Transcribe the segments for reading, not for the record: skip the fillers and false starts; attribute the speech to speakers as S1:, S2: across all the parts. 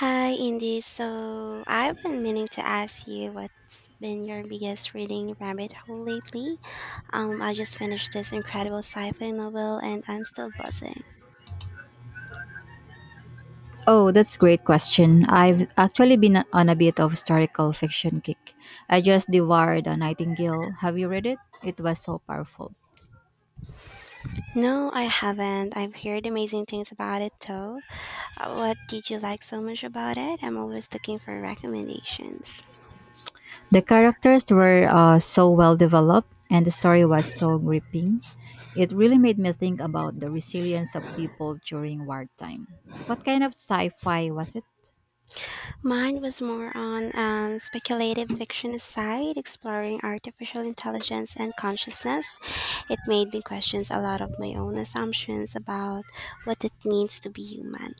S1: Hi, Indy. So I've been meaning to ask you what's been your biggest reading rabbit hole lately. I just finished this incredible sci-fi novel, and I'm still buzzing.
S2: Oh, that's a great question. I've actually been on a bit of historical fiction kick. I just devoured A Nightingale. Have you read it? It was so powerful.
S1: No, I haven't. I've heard amazing things about it, though. What did you like so much about it? I'm always looking for recommendations.
S2: The characters were so well developed, and the story was so gripping. It really made me think about the resilience of people during wartime. What kind of sci-fi was it?
S1: Mine was more on speculative fiction aside, exploring artificial intelligence and consciousness. It made me question a lot of my own assumptions about what it means to be human.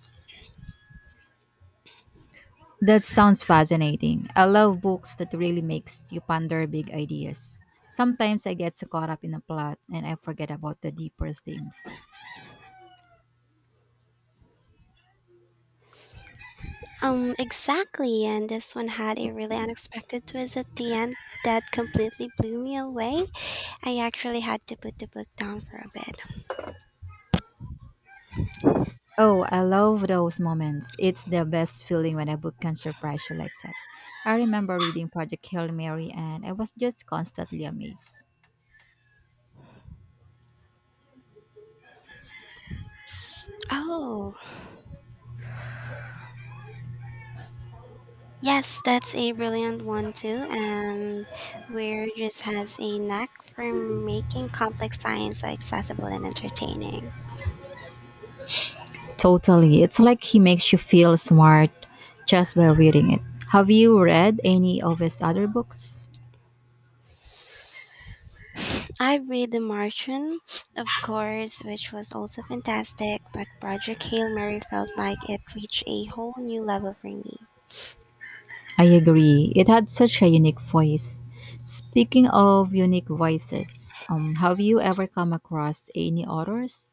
S2: That sounds fascinating. I love books that really makes you ponder big ideas. Sometimes I get so caught up in a plot and I forget about the deeper themes.
S1: Exactly, and this one had a really unexpected twist at the end that completely blew me away. I actually had to put the book down for a bit.
S2: Oh, I love those moments. It's the best feeling when a book can surprise you like that. I remember reading Project Hail Mary, and I was just constantly amazed.
S1: Oh, yes, that's a brilliant one too. And Weir just has a knack for making complex science so accessible and entertaining.
S2: Totally. It's like he makes you feel smart just by reading it. Have you read any of his other books?
S1: I read The Martian, of course, which was also fantastic, but Project Hail Mary felt like it reached a whole new level for me.
S2: I agree. It had such a unique voice. Speaking of unique voices, have you ever come across any authors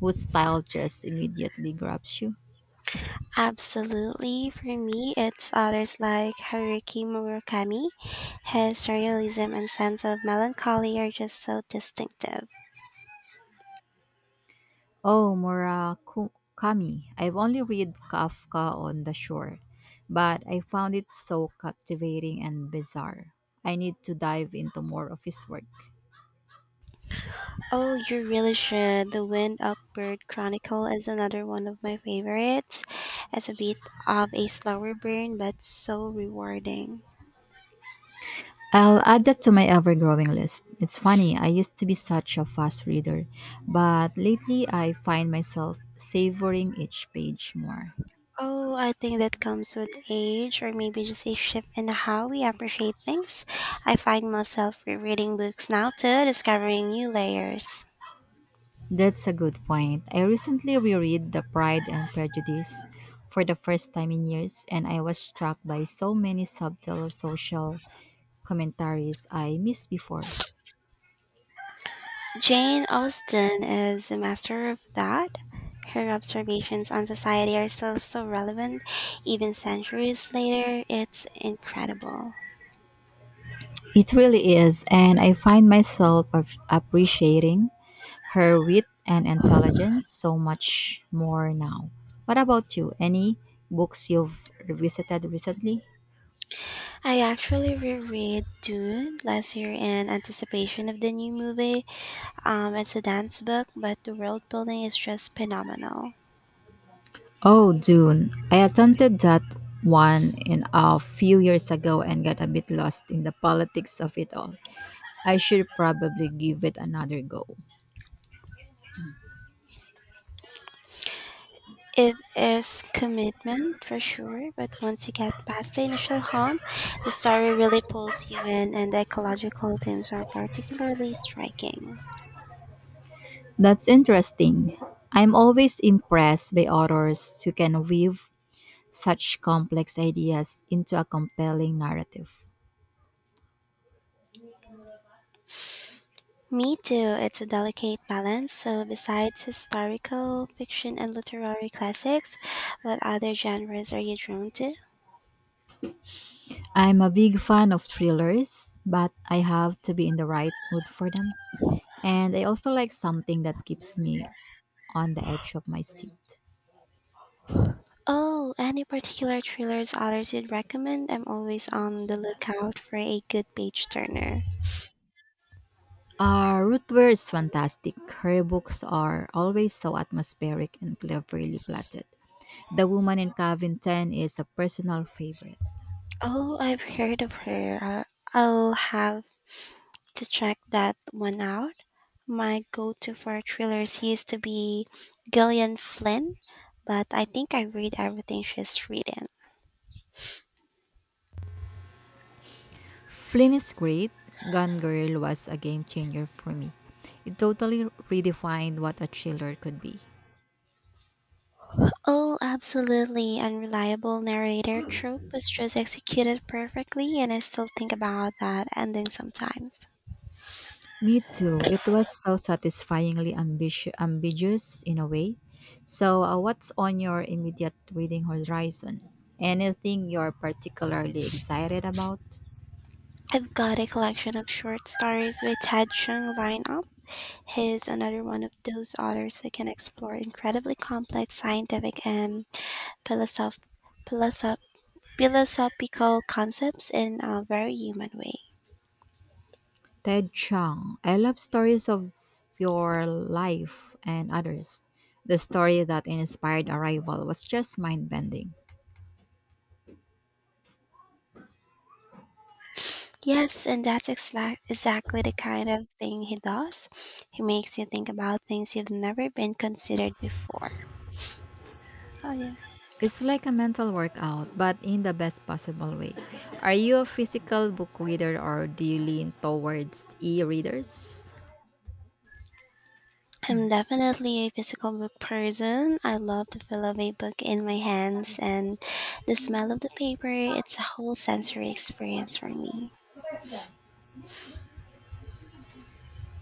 S2: whose style just immediately grabs you?
S1: Absolutely, for me, it's authors like Haruki Murakami. His realism and sense of melancholy are just so distinctive.
S2: Oh, Murakami. I've only read Kafka on the Shore, but I found it so captivating and bizarre. I need to dive into more of his work.
S1: Oh, you really should. The Wind Up Bird Chronicle is another one of my favorites. It's a bit of a slower burn, but so rewarding.
S2: I'll add that to my ever growing list. It's funny, I used to be such a fast reader, but lately I find myself savoring each page more.
S1: Oh, I think that comes with age, or maybe just a shift in how we appreciate things. I find myself rereading books now too, discovering new layers.
S2: That's a good point. I recently reread The Pride and Prejudice for the first time in years, and I was struck by so many subtle social commentaries I missed before.
S1: Jane Austen is a master of that. Her observations on society are still so relevant, even centuries later. It's incredible.
S2: It really is, and I find myself appreciating her wit and intelligence so much more now. What about you? Any books you've revisited recently?
S1: I actually reread Dune last year in anticipation of the new movie. It's a dance book, but the world building is just phenomenal.
S2: Oh, Dune. I attempted that one in a few years ago and got a bit lost in the politics of it all. I should probably give it another go.
S1: It is commitment for sure, but once you get past the initial hump, the story really pulls you in, and the ecological themes are particularly striking.
S2: That's interesting. I'm always impressed by authors who can weave such complex ideas into a compelling narrative.
S1: Me too, it's a delicate balance. So, besides historical fiction and literary classics, what other genres are you drawn to?
S2: I'm a big fan of thrillers, but I have to be in the right mood for them. And I also like something that keeps me on the edge of my seat.
S1: Oh, any particular thrillers others you'd recommend? I'm always on the lookout for a good page turner.
S2: Ruth Ware is fantastic. Her books are always so atmospheric and cleverly plotted. The Woman in Cabin 10 is a personal favorite.
S1: Oh, I've heard of her. I'll have to check that one out. My go to for thrillers used to be Gillian Flynn, but I think I read everything she's written.
S2: Flynn is great. Gone Girl was a game changer for me. It totally redefined what a thriller could be.
S1: Oh, absolutely. Unreliable narrator trope was just executed perfectly, and I still think about that ending sometimes.
S2: Me too. It was so satisfyingly ambitious ambiguous in a way. So, what's on your immediate reading horizon? Anything you're particularly excited about?
S1: I've got a collection of short stories by Ted Chung lined up. He's another one of those authors that can explore incredibly complex scientific and philosoph- philosoph- philosophical concepts in a very human way.
S2: Ted Chiang. I love stories of your life and others. The story that inspired Arrival was just mind bending.
S1: Yes, and that's exactly the kind of thing he does. He makes you think about things you've never been considered before. Oh, yeah.
S2: It's like a mental workout, but in the best possible way. Are you a physical book reader, or do you lean towards e readers?
S1: I'm definitely a physical book person. I love the feel of a book in my hands and the smell of the paper. It's a whole sensory experience for me.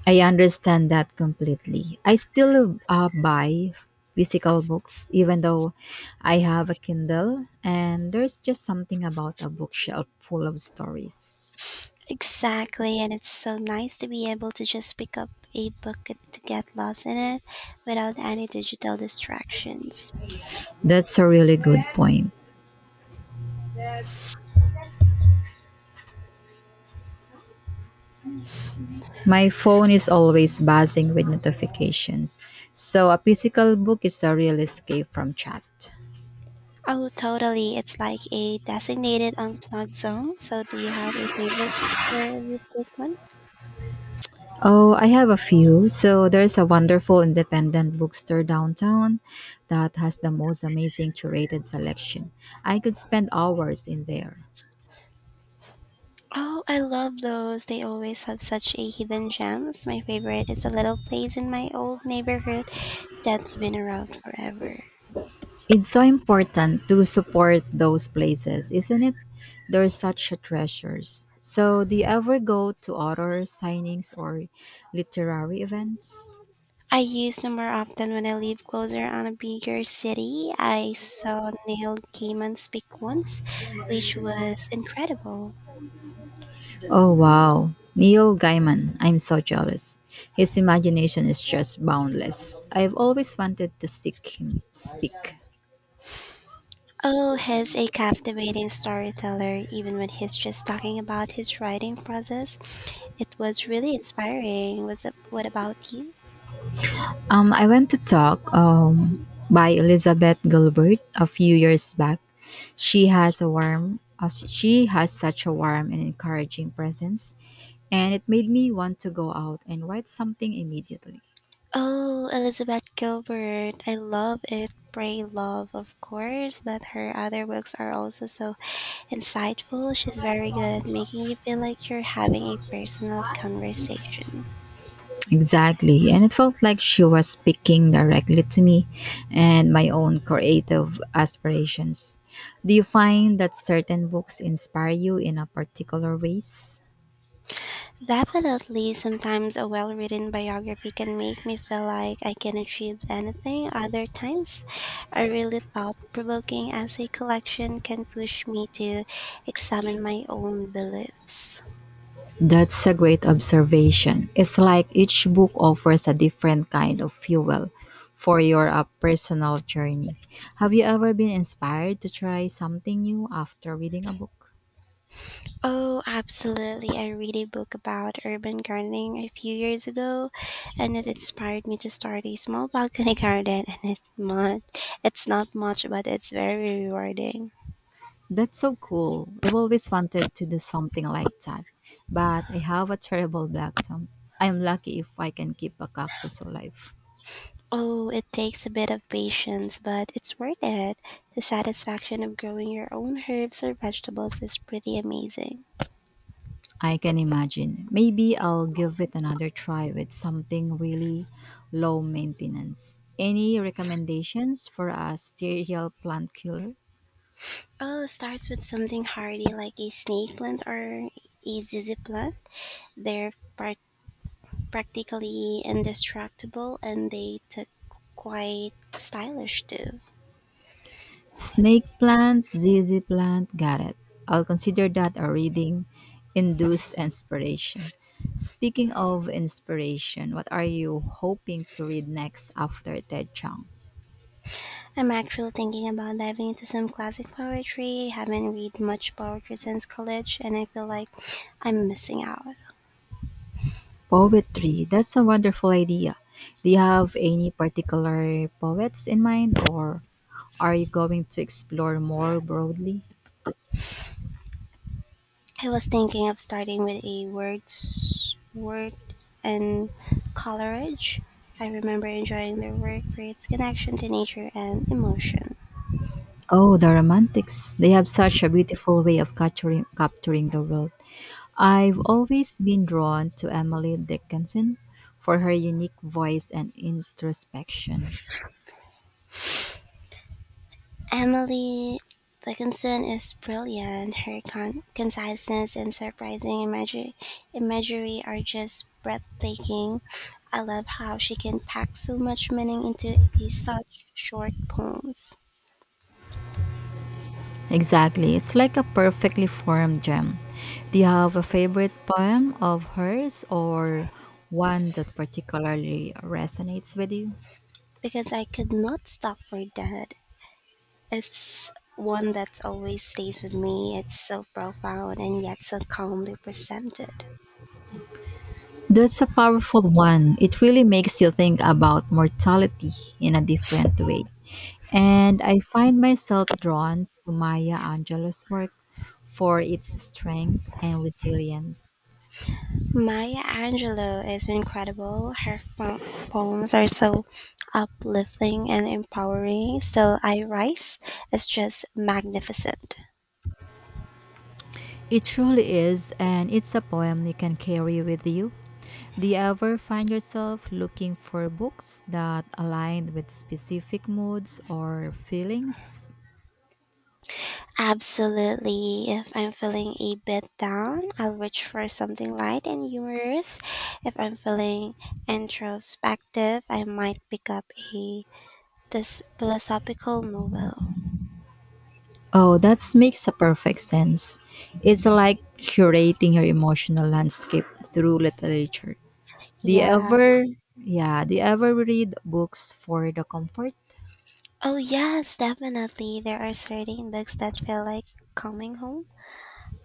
S2: I understand that completely. I still buy physical books, even though I have a Kindle, and there's just something about a bookshelf full of stories.
S1: Exactly, and it's so nice to be able to just pick up a book and to get lost in it without any digital distractions.
S2: That's a really good point. My phone is always buzzing with notifications, so a physical book is a real escape from chat.
S1: Oh, totally. It's like a designated unplugged zone. So, do you have a favorite bookstore you frequent?
S2: Oh, I have a few. So there's a wonderful independent bookstore downtown that has the most amazing curated selection. I could spend hours in there.
S1: Oh, I love those. They always have such a hidden gems. My favorite is a little place in my old neighborhood that's been around forever.
S2: It's so important to support those places, isn't it? They're such treasures. So, do you ever go to author signings or literary events?
S1: I used to more often when I live closer on a bigger city. I saw Neil Gaiman speak once, which was incredible.
S2: Oh wow, Neil Gaiman. I'm so jealous. His imagination is just boundless. I've always wanted to seek him speak.
S1: Oh, he's a captivating storyteller, even when he's just talking about his writing process. It was really inspiring. Was it, what about you?
S2: I went to talk by Elizabeth Gilbert a few years back. She has such a warm and encouraging presence, and it made me want to go out and write something immediately.
S1: Oh, Elizabeth Gilbert. I love it. Pray Love, of course, but her other books are also so insightful. She's very good at making you feel like you're having a personal conversation.
S2: Exactly. And it felt like she was speaking directly to me and my own creative aspirations. Do you find that certain books inspire you in a particular ways?
S1: Definitely, sometimes a well written biography can make me feel like I can achieve anything. Other times, a really thought provoking essay collection can push me to examine my own beliefs.
S2: That's a great observation. It's like each book offers a different kind of fuel for your personal journey. Have you ever been inspired to try something new after reading a book?
S1: Oh, absolutely. I read a book about urban gardening a few years ago, and it inspired me to start a small balcony garden. And it's not much, but it's very rewarding.
S2: That's so cool. I've always wanted to do something like that, but I have a terrible black thumb. I'm lucky if I can keep a cactus alive.
S1: Oh, it takes a bit of patience, but it's worth it. The satisfaction of growing your own herbs or vegetables is pretty amazing.
S2: I can imagine. Maybe I'll give it another try with something really low maintenance. Any recommendations for a serial plant killer?
S1: Oh, starts with something hardy like a snake plant or a zizi plant. They're practically indestructible and they took quite stylish too.
S2: Snake plant, ZZ plant, got it. I'll consider that a reading induced inspiration. Speaking of inspiration, what are you hoping to read next after Ted Chang?
S1: I'm actually thinking about diving into some classic poetry. Haven't read much poetry since college and I feel like I'm missing out.
S2: Poetry. That's a wonderful idea. Do you have any particular poets in mind, or are you going to explore more broadly?
S1: I was thinking of starting with a Wordsworth and Coleridge. I remember enjoying their work for its connection to nature and emotion.
S2: Oh, the romantics. They have such a beautiful way of capturing the world. I've always been drawn to Emily Dickinson for her unique voice and introspection.
S1: Emily Dickinson is brilliant. Her conciseness and surprising imagery are just breathtaking. I love how she can pack so much meaning into a such short poems.
S2: Exactly, it's like a perfectly formed gem. Do you have a favorite poem of hers or one that particularly resonates with you?
S1: Because I could not stop for that. It's one that always stays with me. It's so profound and yet so calmly presented.
S2: That's a powerful one. It really makes you think about mortality in a different way. And I find myself drawn to Maya Angelou's work for its strength and resilience.
S1: Maya Angelou is incredible. Her poems are so uplifting and empowering. Still, I Rise is just magnificent.
S2: It truly is, and it's a poem you can carry with you. Do you ever find yourself looking for books that align with specific moods or feelings?
S1: Absolutely. If I'm feeling a bit down, I'll reach for something light and humorous. If I'm feeling introspective, I might pick up a this philosophical novel.
S2: Oh, that makes a perfect sense. It's like curating your emotional landscape through literature. Do you
S1: Yeah.
S2: ever, yeah, do you ever read books for the comfort?
S1: Oh, yes, definitely. There are certain books that feel like coming home.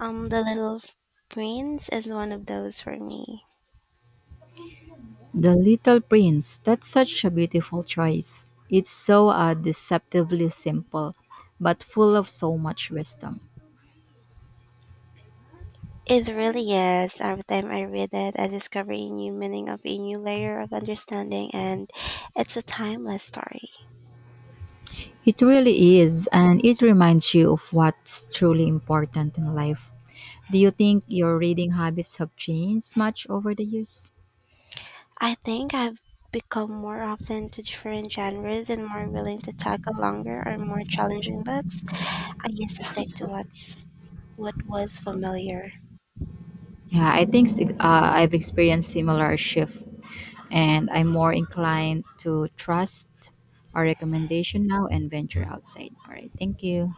S1: The Little Prince is one of those for me.
S2: The Little Prince, that's such a beautiful choice. It's so deceptively simple, but full of so much wisdom.
S1: It really is. Every time I read it, I discover a new meaning of a new layer of understanding, and it's a timeless story.
S2: It really is, and it reminds you of what's truly important in life. Do you think your reading habits have changed much over the years?
S1: I think I've become more often to different genres and more willing to tackle longer or more challenging books. I used to stick to what was familiar.
S2: Yeah, I've experienced similar shift, and I'm more inclined to trust our recommendation now and venture outside. All right, thank you.